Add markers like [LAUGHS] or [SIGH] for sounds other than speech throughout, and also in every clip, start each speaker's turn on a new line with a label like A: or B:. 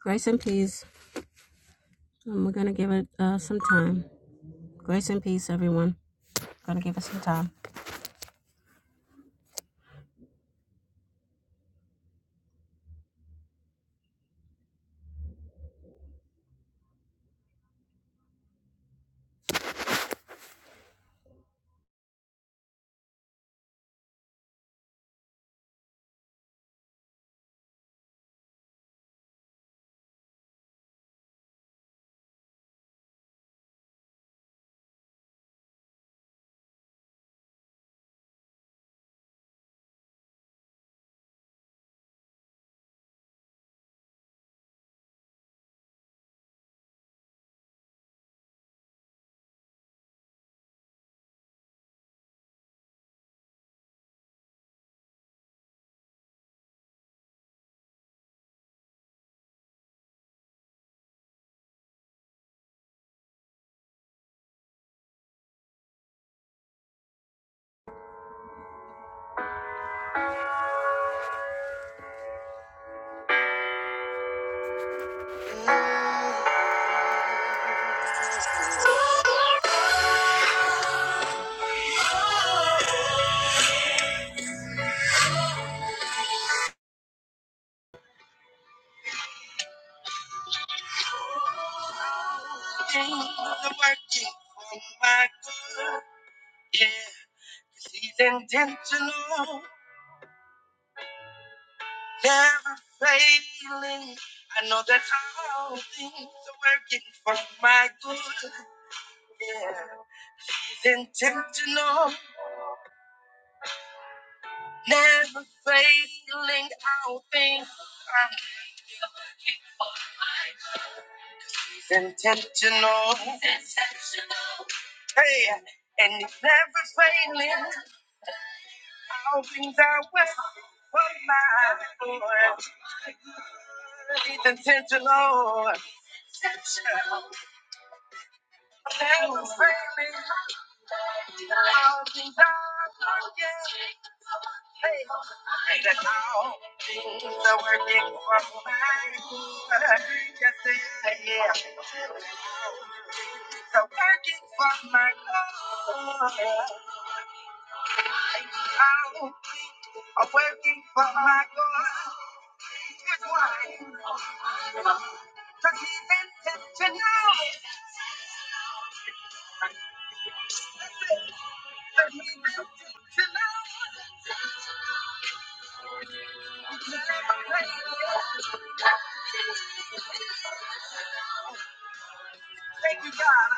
A: Grace and peace. Um, we're going to give it uh, some time. Grace and peace, everyone. Going to give it some time. Yeah, intentional, never failing. I know that all things are working for my good. Yeah, he's intentional. Never failing out things are intentional. Hey, and it's never failing out things are well for my Lord. It's intentional. Never failing out things are yeah. That's how things are working for my good. Yes, they are. Yeah. Things are working for my good. How things are working for my good. That's why. Cause he's intentional. Cause he's intentional. Thank you, God.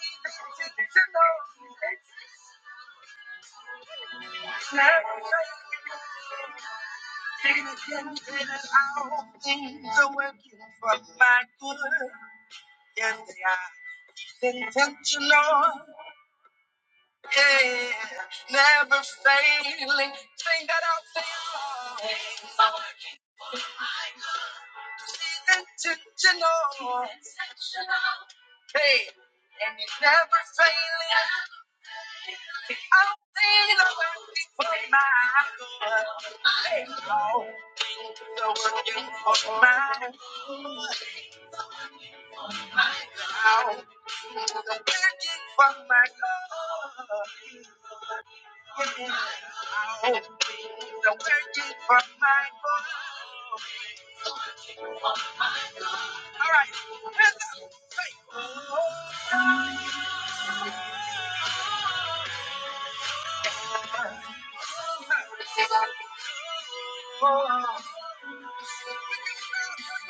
A: He's intentional. all Things are working for my good. and they are. Intentional. Yeah. Never failing. Sing that out there. Intentional. Hey. And it's never failing. I'll see working for my good. Hey, Lord. Things are working for my good. All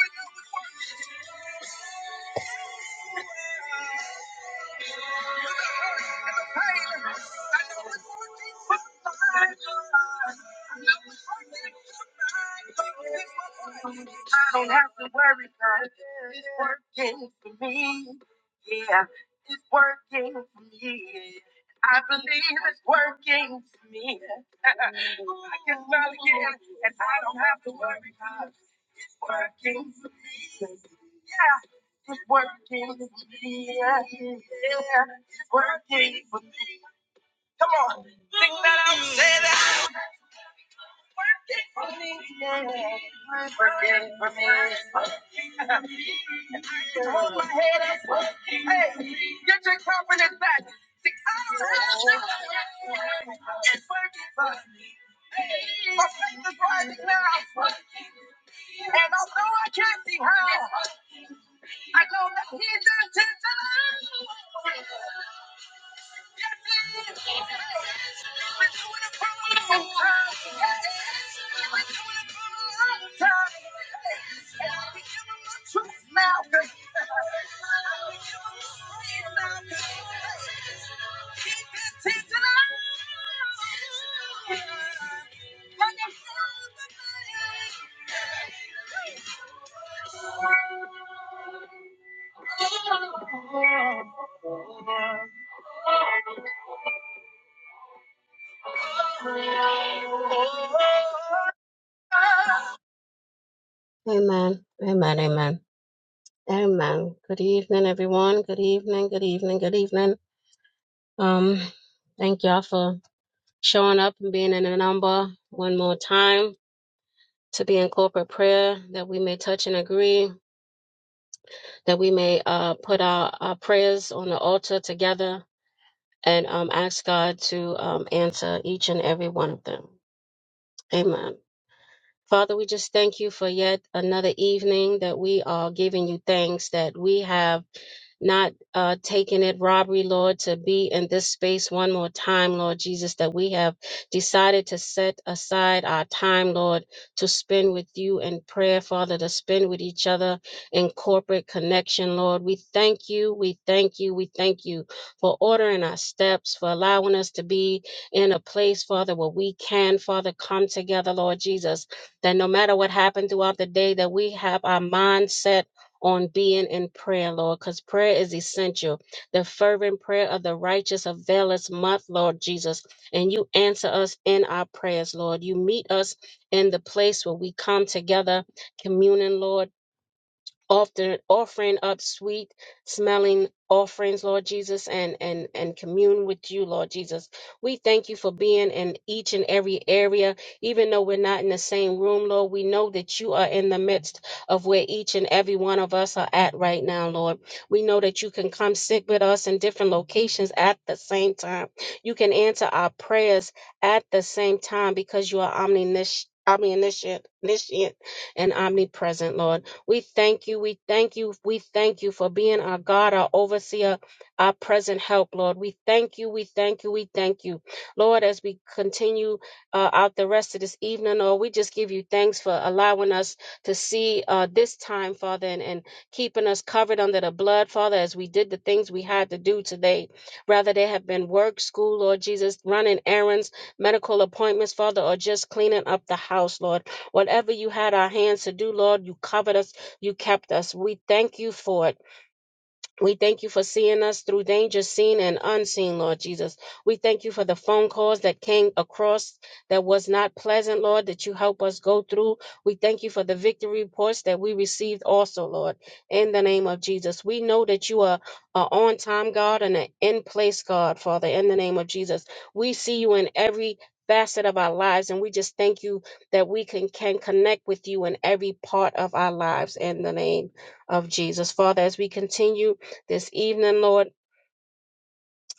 A: right. I don't have to worry about It's working for me. Yeah, it's working for me. I believe it's working for me. [LAUGHS] I can smile again, and I don't have to worry about It's working for me. Yeah. It's working for me. Yeah, yeah. It's working for me. Come on. Sing that out. Say that. It's working for me. Yeah. It's working for me. [LAUGHS] Just hold my head up. Hey, get your confidence back. See, I don't have to. It's working for me. Hey, My faith is rising now. And although I can't see how. I go right here down to the Lord. I wanna come on a long time, a long time. And I can give him my truth now, 'cause I'm praying now, 'cause I keep it to the Lord. Like a flood of fire. Amen. Amen. Amen. Amen. Good evening, everyone. Good evening. Good evening. Good evening. Um, thank y'all for showing up and being in the number one more time to be in corporate prayer that we may touch and agree, that we may uh, put our, our prayers on the altar together and um, ask God to um, answer each and every one of them. Amen. Father, we just thank you for yet another evening that we are giving you thanks that we have not uh, taking it robbery, Lord, to be in this space one more time, Lord Jesus, that we have decided to set aside our time, Lord, to spend with you in prayer, Father, to spend with each other in corporate connection, Lord. We thank you, we thank you, we thank you for ordering our steps, for allowing us to be in a place, Father, where we can, Father, come together, Lord Jesus that no matter what happened throughout the day, that we have our mind set on being in prayer, Lord, because prayer is essential. The fervent prayer of the righteous availeth much, Lord Jesus. And you answer us in our prayers, Lord. You meet us in the place where we come together, communing, Lord often offering up sweet smelling offerings, Lord Jesus, and and and commune with you, Lord Jesus. We thank you for being in each and every area, even though we're not in the same room, Lord. We know that you are in the midst of where each and every one of us are at right now, Lord. We know that you can come sit with us in different locations at the same time. You can answer our prayers at the same time because you are omniscient, omniscient, omniscient and omnipresent, Lord. We thank you. We thank you. We thank you for being our God, our overseer, our present help, Lord. We thank you. We thank you. We thank you, Lord, as we continue uh, out the rest of this evening, Lord. We just give you thanks for allowing us to see uh, this time, Father, and, and keeping us covered under the blood, Father, as we did the things we had to do today. Rather, they have been work, school, Lord Jesus, running errands, medical appointments, Father, or just cleaning up the house, Lord. Whatever you had our hands to do, Lord, you covered us you kept us. We thank you for it. We thank you for seeing us through danger seen and unseen, Lord Jesus. We thank you for the phone calls that came across that was not pleasant, Lord, that you help us go through. We thank you for the victory reports that we received also, Lord, in the name of Jesus. We know that you are an on time God and an in place God, Father, in the name of Jesus. We see you in every facet of our lives and we just thank you that we can can connect with you in every part of our lives in the name of Jesus. Father, as we continue this evening, Lord.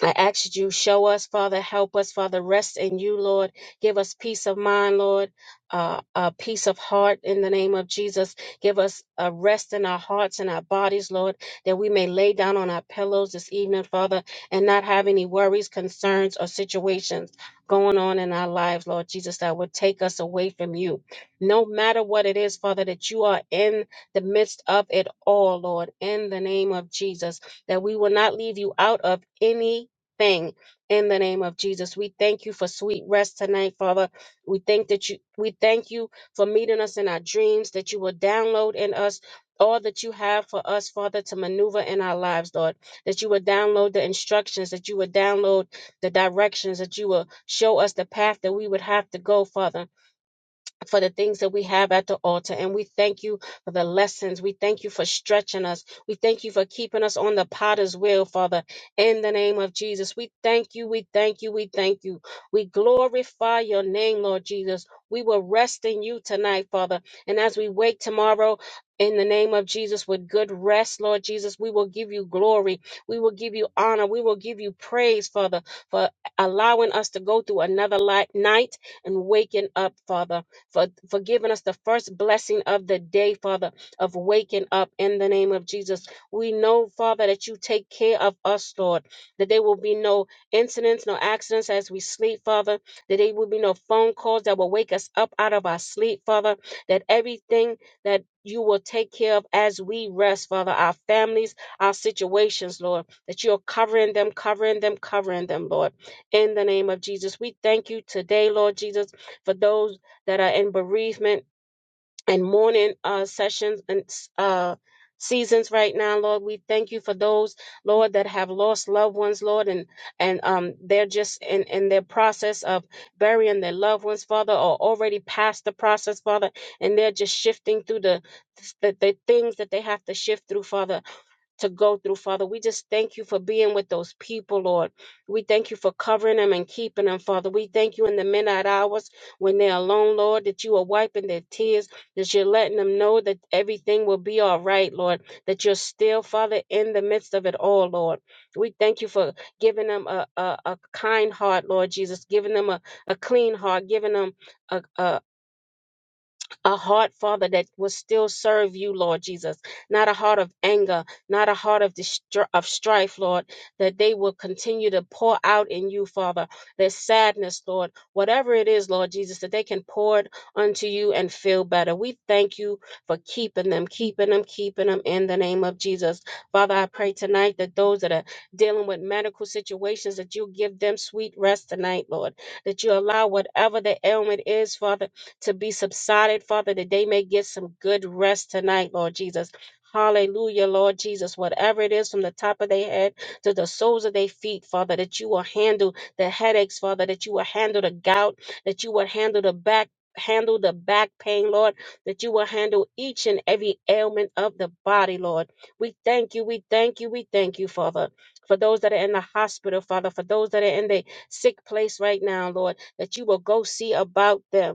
A: I ask that you show us, Father, help us, Father, rest in you, Lord. Give us peace of mind, Lord, uh, a peace of heart in the name of Jesus. Give us a rest in our hearts and our bodies, Lord, that we may lay down on our pillows this evening, Father, and not have any worries, concerns, or situations going on in our lives, Lord Jesus, that would take us away from you. No matter what it is, Father, that you are in the midst of it all, Lord, in the name of Jesus, that we will not leave you out of any thing in the name of Jesus. We thank you for sweet rest tonight, Father. We thank that you we thank you for meeting us in our dreams, that you will download in us all that you have for us, Father, to maneuver in our lives, Lord. That you will download the instructions, that you will download the directions, that you will show us the path that we would have to go, Father for the things that we have at the altar. And we thank you for the lessons. We thank you for stretching us. We thank you for keeping us on the potter's wheel, Father, in the name of Jesus. We thank you. We thank you. We thank you. We glorify your name, Lord Jesus. We will rest in you tonight, Father. And as we wake tomorrow, in the name of Jesus, with good rest, Lord Jesus, we will give you glory. We will give you honor. We will give you praise, Father, for allowing us to go through another light, night and waking up, Father for, for giving us the first blessing of the day, Father, of waking up in the name of Jesus. We know, Father, that you take care of us, Lord, that there will be no incidents, no accidents as we sleep, Father, that there will be no phone calls that will wake us up out of our sleep, Father, that everything that you will take care of as we rest, Father, our families, our situations, Lord, that you're covering them, covering them, covering them, Lord, in the name of Jesus. We thank you today, Lord Jesus, for those that are in bereavement and mourning uh, sessions and uh, seasons right now, Lord. We thank you for those, Lord, that have lost loved ones, Lord, and and um they're just in in their process of burying their loved ones, Father, or already past the process, Father, and they're just shifting through the the, the things that they have to shift through, Father to go through, Father. We just thank you for being with those people, Lord. We thank you for covering them and keeping them, Father. We thank you in the midnight hours when they're alone, Lord, that you are wiping their tears, that you're letting them know that everything will be all right, Lord, that you're still, Father, in the midst of it all, Lord. We thank you for giving them a, a, a kind heart, Lord Jesus, giving them a, a clean heart, giving them a. a, a heart, Father, that will still serve you, Lord Jesus. Not a heart of anger, not a heart of distr- of strife, Lord, that they will continue to pour out in you, Father. Their sadness, Lord, whatever it is, Lord Jesus, that they can pour it unto you and feel better. We thank you for keeping them, keeping them, keeping them in the name of Jesus. Father, I pray tonight that those that are dealing with medical situations, that you give them sweet rest tonight, Lord. That you allow whatever the ailment is, Father to be subsided, Father, that they may get some good rest tonight, Lord Jesus. Hallelujah, Lord Jesus. Whatever it is from the top of their head to the soles of their feet, Father, that you will handle the headaches, Father, that you will handle the gout, that you will handle the back. Handle the back pain, Lord, that you will handle each and every ailment of the body, Lord. We thank you, we thank you, we thank you, Father, for those that are in the hospital, Father, for those that are in the sick place right now, Lord, that you will go see about them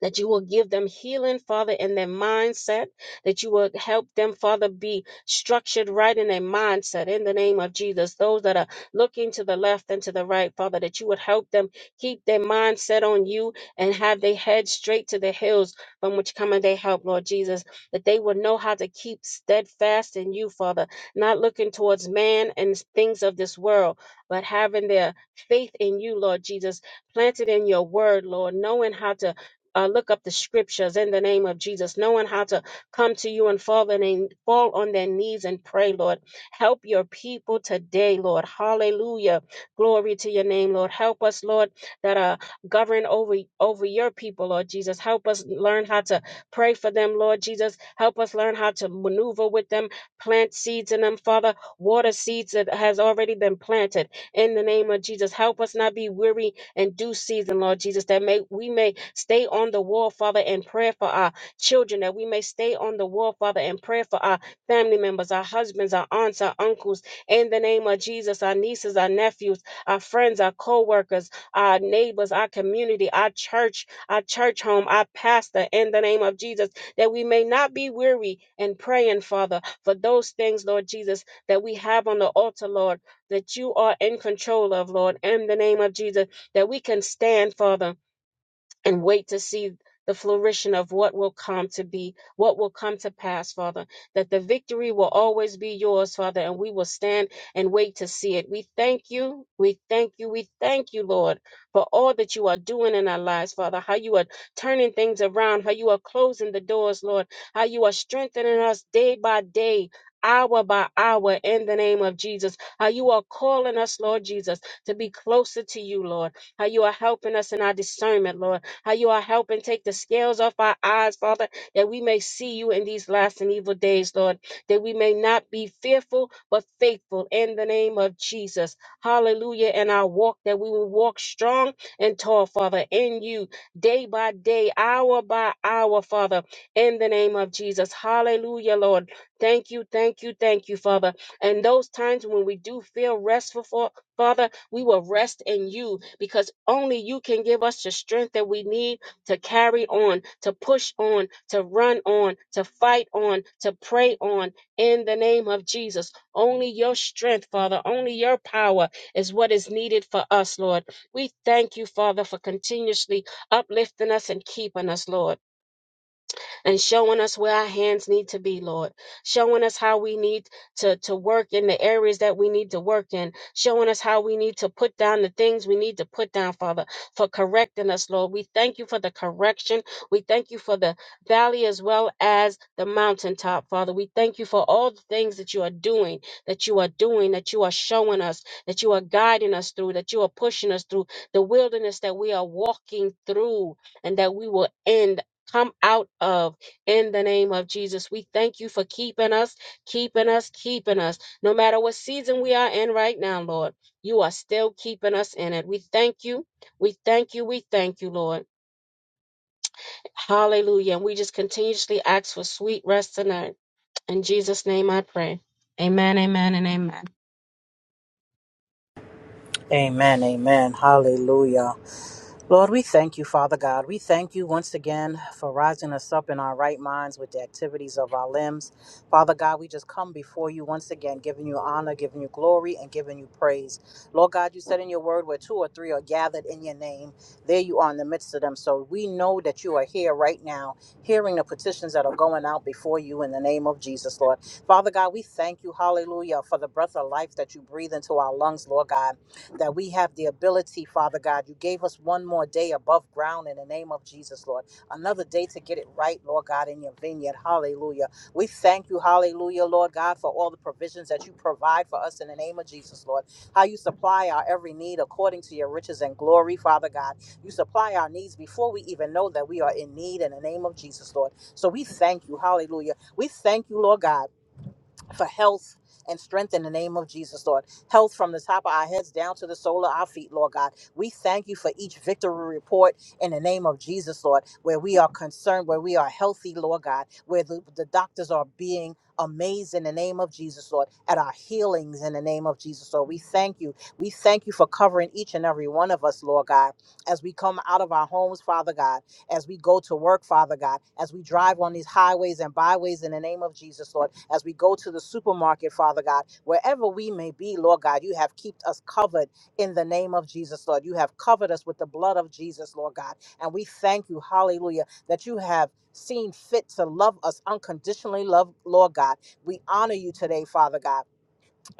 A: that you will give them healing, Father, in their mindset, that you will help them, Father, be structured right in their mindset in the name of Jesus. Those that are looking to the left and to the right, Father, that you would help them keep their mindset on you and have their head straight to the hills from which cometh their help, Lord Jesus, that they will know how to keep steadfast in you, Father, not looking towards man and things of this world, but having their faith in you, Lord Jesus, planted in your word, Lord, knowing how to uh, look up the scriptures in the name of Jesus, knowing how to come to you and fall, and fall on their knees and pray, Lord. Help your people today, Lord. Hallelujah. Glory to your name, Lord. Help us, Lord, that are govern over, over your people, Lord Jesus. Help us learn how to pray for them, Lord Jesus. Help us learn how to maneuver with them, plant seeds in them, Father. Water seeds that has already been planted in the name of Jesus. Help us not be weary in due season, Lord Jesus, that may we may stay on the wall, Father, and pray for our children, that we may stay on the wall, Father, and pray for our family members, our husbands, our aunts, our uncles, in the name of Jesus, our nieces, our nephews, our friends, our co-workers, our neighbors, our community, our church, our church home, our pastor, in the name of Jesus, that we may not be weary in praying, Father, for those things, Lord Jesus, that we have on the altar, Lord, that you are in control of, Lord, in the name of Jesus that we can stand, Father, and wait to see the flourishing of what will come to be, what will come to pass, Father, that the victory will always be yours, Father, and we will stand and wait to see it. We thank you, we thank you, we thank you, Lord, for all that you are doing in our lives, Father, how you are turning things around, how you are closing the doors, Lord, how you are strengthening us day by day. Hour by hour, in the name of Jesus, how you are calling us, Lord Jesus, to be closer to you, Lord, how you are helping us in our discernment, Lord how you are helping take the scales off our eyes, Father, that we may see you in these last and evil days, Lord, that we may not be fearful, but faithful in the name of Jesus. Hallelujah. And our walk, that we will walk strong and tall, Father, in you, day by day, hour by hour, Father, in the name of Jesus. Hallelujah, Lord. Thank you, thank you, thank you, Father. And those times when we do feel restful, Fa- Father, we will rest in you because only you can give us the strength that we need to carry on, to push on, to run on, to fight on, to pray on in the name of Jesus. Only your strength, Father, only your power is what is needed for us, Lord. We thank you, Father, for continuously uplifting us and keeping us, Lord and showing us where our hands need to be, Lord, showing us how we need to, to work in the areas that we need to work in, showing us how we need to put down the things we need to put down, Father, for correcting us, Lord. We thank you for the correction. We thank you for the valley as well as the mountaintop, Father. We thank you for all the things that you are doing, that you are doing, that you are showing us, that you are guiding us through, that you are pushing us through the wilderness that we are walking through and that we will end, come out of in the name of Jesus. We thank you for keeping us, keeping us, keeping us. No matter what season we are in right now, Lord, you are still keeping us in it. We thank you. We thank you. We thank you, Lord. Hallelujah. And we just continuously ask for sweet rest tonight. In Jesus' name I pray. Amen, amen, and amen.
B: Amen, amen. Hallelujah. Lord, we thank you, Father God. We thank you once again for rising us up in our right minds with the activities of our limbs. Father God, we just come before you once again, giving you honor, giving you glory, and giving you praise. Lord God, you said in your word where two or three are gathered in your name, there you are in the midst of them. So we know that you are here right now, hearing the petitions that are going out before you in the name of Jesus, Lord. Father God, we thank you, hallelujah, for the breath of life that you breathe into our lungs, Lord God that we have the ability, Father God. You gave us one more day above ground in the name of Jesus, Lord. Another day to get it right, Lord God, in your vineyard. Hallelujah. We thank you, hallelujah, Lord God, for all the provisions that you provide for us in the name of Jesus, Lord. How you supply our every need according to your riches and glory, Father God. You supply our needs before we even know that we are in need in the name of Jesus, Lord. So we thank you, hallelujah. We thank you, Lord God for health and strength in the name of Jesus, Lord. Health from the top of our heads down to the sole of our feet, Lord God. We thank you for each victory report in the name of Jesus, Lord, where we are concerned, where we are healthy, Lord God, where the, the doctors are being amazed in the name of Jesus, Lord, at our healings in the name of Jesus, Lord. We thank you. We thank you for covering each and every one of us, Lord God, as we come out of our homes, Father God, as we go to work, Father God, as we drive on these highways and byways in the name of Jesus, Lord as we go to the supermarket, Father God, wherever we may be, Lord God, you have kept us covered in the name of Jesus, Lord. You have covered us with the blood of Jesus, Lord God. And we thank you, hallelujah, that you have seen fit to love us unconditionally, love, Lord God. We honor you today, Father God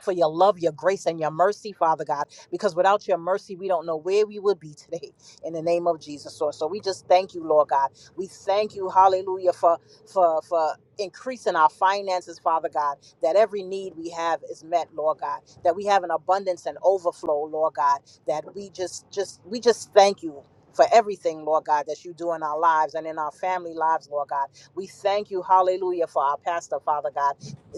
B: for your love, your grace, and your mercy, Father God, because without your mercy, we don't know where we would be today [LAUGHS] in the name of Jesus, Lord. So we just thank you, Lord God. We thank you, hallelujah, for for for increasing our finances, Father God, that every need we have is met, Lord God, that we have an abundance and overflow, Lord God, that we just just we just thank you. For everything, Lord God, that you do in our lives and in our family lives, Lord God. We thank you, hallelujah, for our pastor, Father God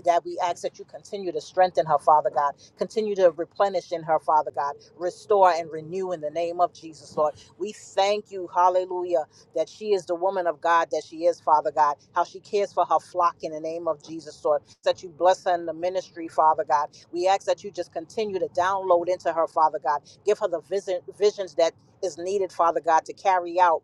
B: that we ask that you continue to strengthen her, Father God. Continue to replenish in her, Father God. Restore and renew in the name of Jesus, Lord. We thank you, hallelujah, that she is the woman of God that she is, Father God. How she cares for her flock in the name of Jesus, Lord. That you bless her in the ministry, Father God. We ask that you just continue to download into her, Father God. Give her the vision, visions that is needed, Father God, to carry out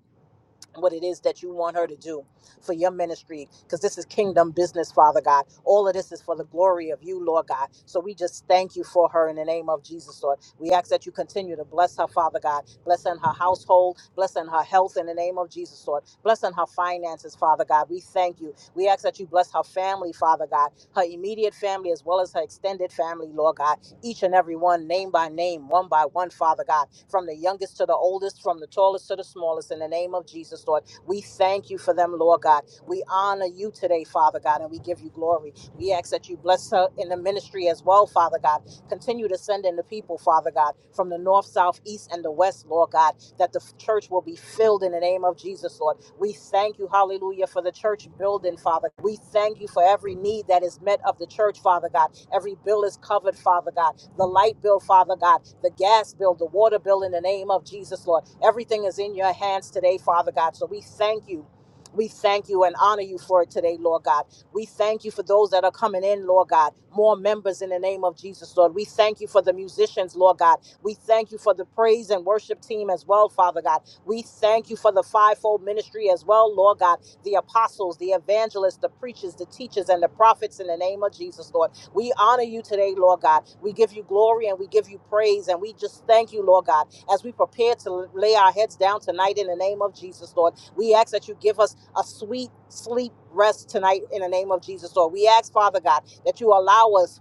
B: what it is that you want her to do for your ministry because this is kingdom business father god all of this is for the glory of you lord god so we just thank you for her in the name of jesus lord we ask that you continue to bless her father god blessing her household blessing her health in the name of jesus lord blessing her finances father god we thank you we ask that you bless her family father god her immediate family as well as her extended family lord god each and every one, name by name, one by one, Father God, from the youngest to the oldest, from the tallest to the smallest, in the name of Jesus, Lord. We thank you for them, Lord God. We honor you today, Father God, and we give you glory. We ask that you bless her in the ministry as well, Father God. Continue to send in the people, Father God, from the north, south, east, and the west, Lord God, that the f- church will be filled in the name of Jesus, Lord. We thank you, hallelujah, for the church building, Father. We thank you for every need that is met of the church, Father God. Every bill is covered, Father God. The light bill, Father God. The gas bill, the water bill, in the name of Jesus, Lord. Everything is in your hands today, Father God. So we thank you. We thank you and honor you for it today, Lord God. We thank you for those that are coming in, Lord God. More members in the name of Jesus, Lord. We thank you for the musicians, Lord God. We thank you for the praise and worship team as well, Father God. We thank you for the fivefold ministry as well, Lord God. The apostles, the evangelists, the preachers, the teachers, and the prophets in the name of Jesus, Lord. We honor you today, Lord God. We give you glory and we give you praise and we just thank you, Lord God, as we prepare to lay our heads down tonight in the name of Jesus, Lord. We ask that you give us a sweet sleep rest tonight in the name of Jesus, Lord. We ask, Father God, that you allow us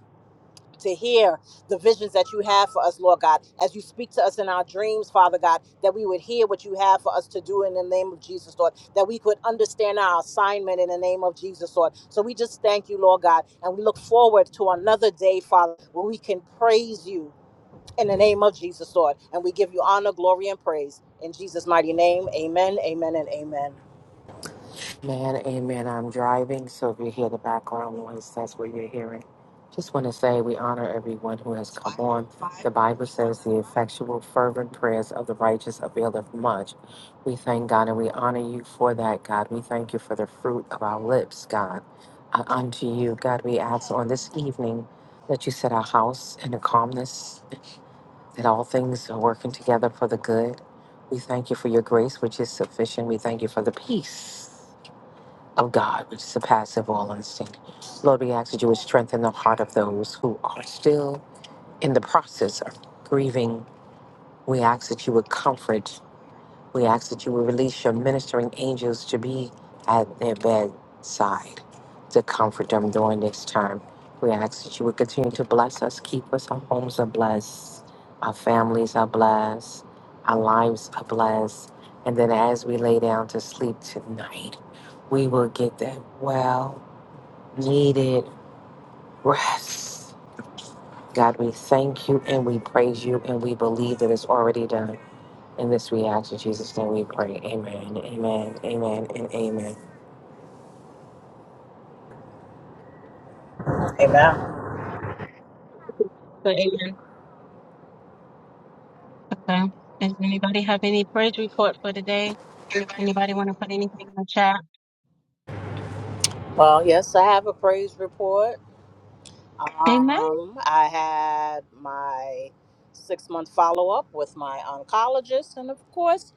B: to hear the visions that you have for us, Lord God, as you speak to us in our dreams, Father God, that we would hear what you have for us to do in the name of Jesus, Lord, that we could understand our assignment in the name of Jesus, Lord. So we just thank you, Lord God, and we look forward to another day, Father, where we can praise you in the name of Jesus, Lord, and we give you honor, glory, and praise. In Jesus' mighty name, amen, amen, and amen.
C: Man, amen. I'm driving, so if you hear the background noise, that's what you're hearing. Just want to say we honor everyone who has come on. The Bible says the effectual, fervent prayers of the righteous availeth much. We thank God and we honor you for that, God. We thank you for the fruit of our lips, God. Uh, unto you, God, we ask on this evening that you set our house in a calmness, that all things are working together for the good. We thank you for your grace, which is sufficient. We thank you for the peace of God, which surpasses all understanding. Lord, we ask that you would strengthen the heart of those who are still in the process of grieving. We ask that you would comfort. We ask that you will release your ministering angels to be at their bedside to comfort them during this time. We ask that you would continue to bless us, keep us, our homes are blessed, our families are blessed, our lives are blessed. And then as we lay down to sleep tonight, we will get that well needed rest. God, we thank you and we praise you and we believe that it's already done. And this we ask in Jesus' name we pray. Amen, amen, amen, and amen.
B: Amen.
A: So, amen. Okay. Does anybody have any praise report for today? Anybody want to put anything in the chat?
B: Well, yes, I have a praise report.
A: Amen.
B: Um, I had my six month follow up with my oncologist, and of course,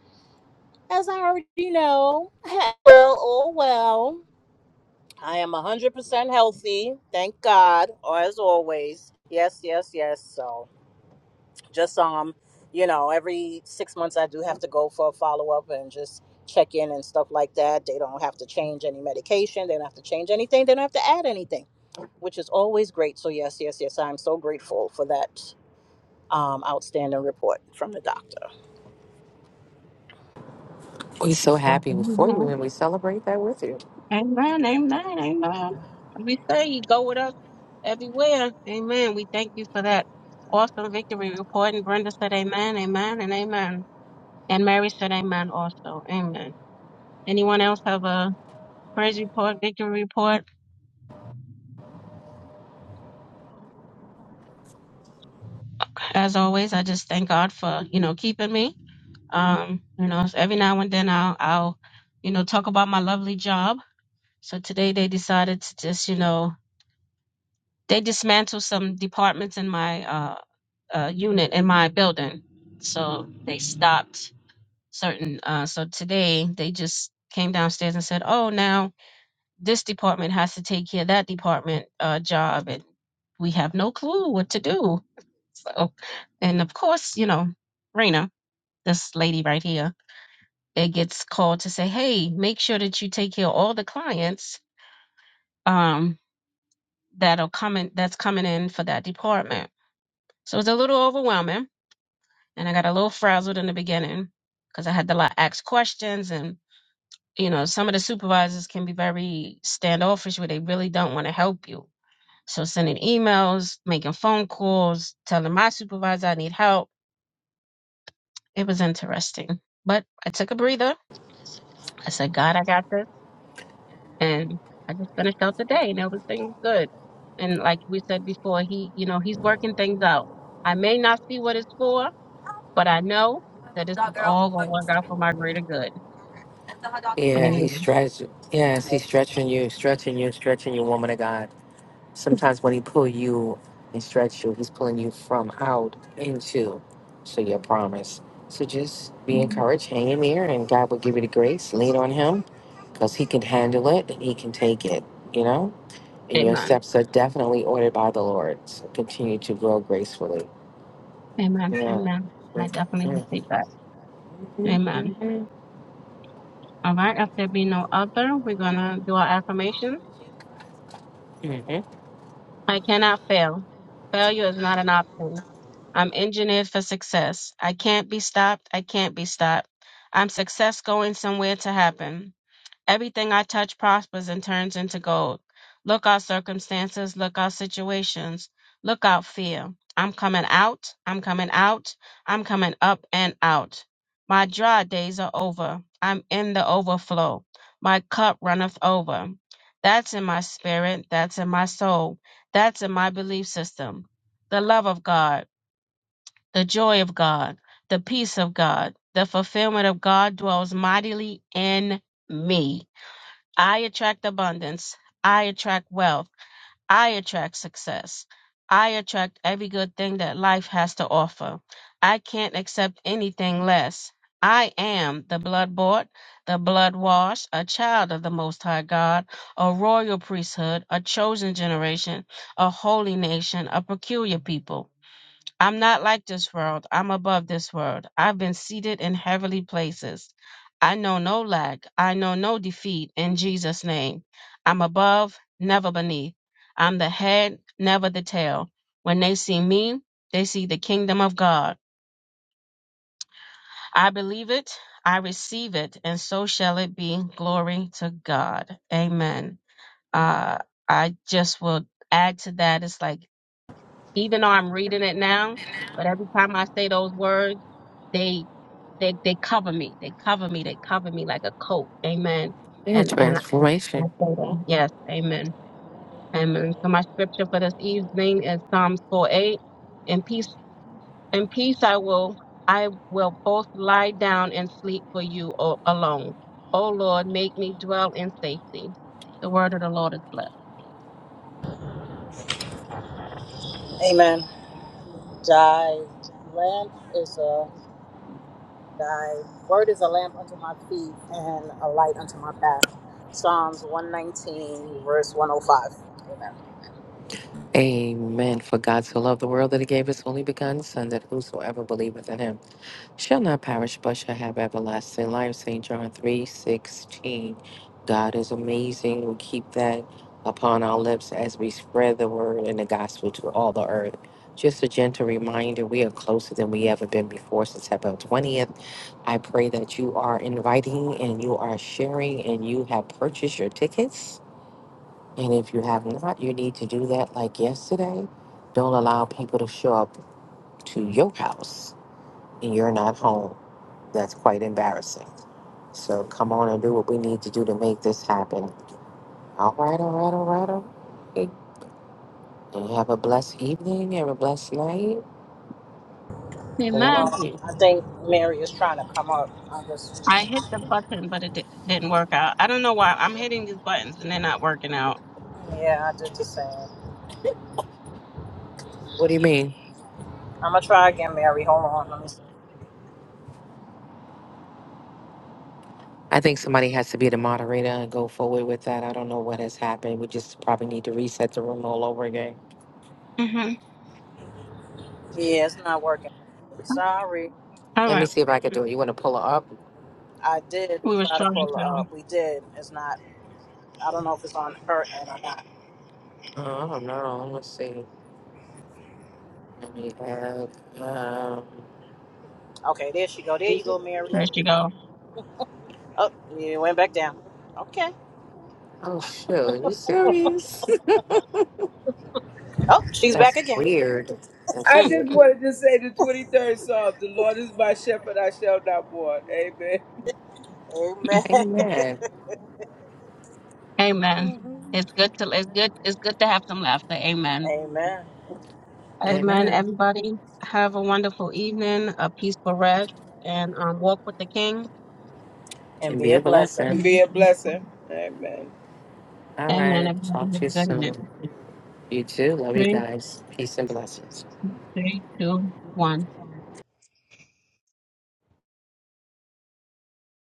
B: as I already know, [LAUGHS] well, oh well, I am 100% healthy, thank God, or as always. Yes, yes, yes. So. just um you know every six months i do have to go for a follow-up and just check in and stuff like that they don't have to change any medication they don't have to change anything they don't have to add anything which is always great so yes yes yes i'm so grateful for that um, outstanding report from the doctor
C: We're so happy for you and we celebrate that with you.
A: Amen, amen, amen. We say you go with us everywhere. Amen. We thank you for that awesome victory report. And Brenda said amen, amen, and amen. And Mary said amen also. Amen. Anyone else have a praise report, victory report? As always, I just thank God for, you know, keeping me. Um, you know, so every now and then I'll, I'll, you know, talk about my lovely job. So today they decided to just, you know, They dismantled some departments in my uh, uh, unit in my building, so they stopped certain. Uh, so today they just came downstairs and said, "Oh, now this department has to take care of that department uh, job, and we have no clue what to do." So, and of course, you know, Rena, this lady right here, it gets called to say, "Hey, make sure that you take care of all the clients." Um, that are coming that's coming in for that department So it was a little overwhelming and I got a little frazzled in the beginning because I had to like ask questions and you know, some of the supervisors can be very standoffish where they really don't want to help you. So sending emails, making phone calls, telling my supervisor I need help. It was interesting. But I took a breather. I said, God, I got this. And I just finished out the day and everything was good. And like we said before, he, you know, he's working things out. I may not see what it's for, But I know that this is all going to work out for my greater good.
C: Yeah, he's
A: Amen.
C: stretching. Yes, he's stretching you, stretching you, stretching you, woman of God. Sometimes when he pull you and stretch you, he's pulling you from out into so your promise. So just be encouraged, hang in there, and God will give you the grace. Lean on him because he can handle it and he can take it, you know? and your
A: Amen.
C: steps are definitely ordered by the Lord. So continue to grow gracefully.
A: Amen.
C: Yeah.
A: Amen. I definitely
C: Mm-hmm.
A: receive that. Amen. All right. If there be no other, we're going to do our affirmation.
C: Mm-hmm.
A: I cannot fail. Failure is not an option. I'm engineered for success. I can't be stopped. I can't be stopped. I'm success going somewhere to happen. Everything I touch prospers and turns into gold. Look out circumstances, look out situations, look out fear. I'm coming out, I'm coming out, I'm coming up and out. My dry days are over. I'm in the overflow. My cup runneth over. That's in my spirit, that's in my soul, that's in my belief system. The love of God, the joy of God, the peace of God, the fulfillment of God dwells mightily in me. I attract abundance. I attract wealth. I attract success. I attract every good thing that life has to offer. I can't accept anything less. I am the blood bought, the blood washed, a child of the Most High God, a royal priesthood, a chosen generation, a holy nation, a peculiar people. I'm not like this world. I'm above this world. I've been seated in heavenly places. I know no lack. I know no defeat in Jesus' name. I'm above, never beneath. I'm the head, never the tail. When they see me, they see the kingdom of God. I believe it. I receive it. And so shall it be. Glory to God. Amen. Uh, I just will add to that. It's like, even though I'm reading it now, but every time I say those words, they they they cover me. They cover me. They cover me like a coat. Amen.
C: Yeah,
A: And and I, I
C: transformation.
A: say
C: Mhm.
A: that. Yes. Amen. Amen. So my scripture for this evening is Psalms 4:8. In peace I will I will both lie down and sleep for you o- alone. O Lord, make me dwell in safety. The word of the Lord is blessed.
B: amen thy lamp is a thy word is a lamp unto my feet and a light unto my path psalms 119 verse 105
C: Amen. For God so loved the world that he gave his only begotten Son, that whosoever believeth in him Shall not perish, but shall have everlasting life. St. John three sixteen. God is amazing. We keep that upon our lips as we spread the word and the gospel to all the earth. Just a gentle reminder, we are closer than we ever been before since April 20th. I pray that you are inviting and you are sharing and you have purchased your tickets. And if you have not, you need to do that like yesterday. Don't allow people to show up to your house and you're not home. That's quite embarrassing. So come on and do what we need to do to make this happen. All right, all right, all right, all right. And have a blessed evening. Have a blessed night. I love
A: Amen.
B: Um, I think Mary is trying to come up. I just,
A: I hit the button, but it di- didn't work out. I don't know why. I'm hitting these buttons and they're not working out.
B: yeah, I did the same.
C: What do you mean?
B: I'm gonna try again, Mary. Hold on, let me see.
C: I think somebody has to be the moderator and go forward with that. I don't know what has happened. We just probably need to reset the room all over again.
A: hmm
B: Yeah, it's not working. Mary. Sorry,
A: All
C: Let me
A: right.
C: see if I can do it. You want to pull her up?
B: I did
A: We was
B: try to
A: trying
B: pull
A: to.
B: her up. We did. It's not. I don't know if it's on her end or not.
C: Uh, I don't know. Let's see. Let me have. Um...
B: Okay, there she go. There you go,
A: There
B: Mary.
A: she go.
B: Oh, you went back down. Okay.
C: Oh, shoot. you serious?
B: Oh,
C: [LAUGHS]
B: she's back
C: That's
B: again.
C: weird. That's
D: I
A: Mm,
D: just
C: weird.
D: wanted to say the 23rd Psalm, the Lord is my shepherd, I shall not want. Amen.
B: Amen.
A: mm.
C: Amen.
A: Amen. It's good to it's good it's good to have some laughter.
B: [LAUGHS]
A: Amen.
B: Amen.
A: Amen.
C: Amen.
A: Everybody have a wonderful evening, a peaceful rest, and um, walk with the King.
B: And
C: And
B: be
C: be a
B: a blessing.
C: blessing.
D: be a blessing. Amen.
C: All
A: Amen.
C: right.
A: Everybody
C: Talk
A: have
C: to you
A: a good night.
C: soon. You too. Love you
A: Three,
C: guys. Peace and blessings.
A: three, two, one.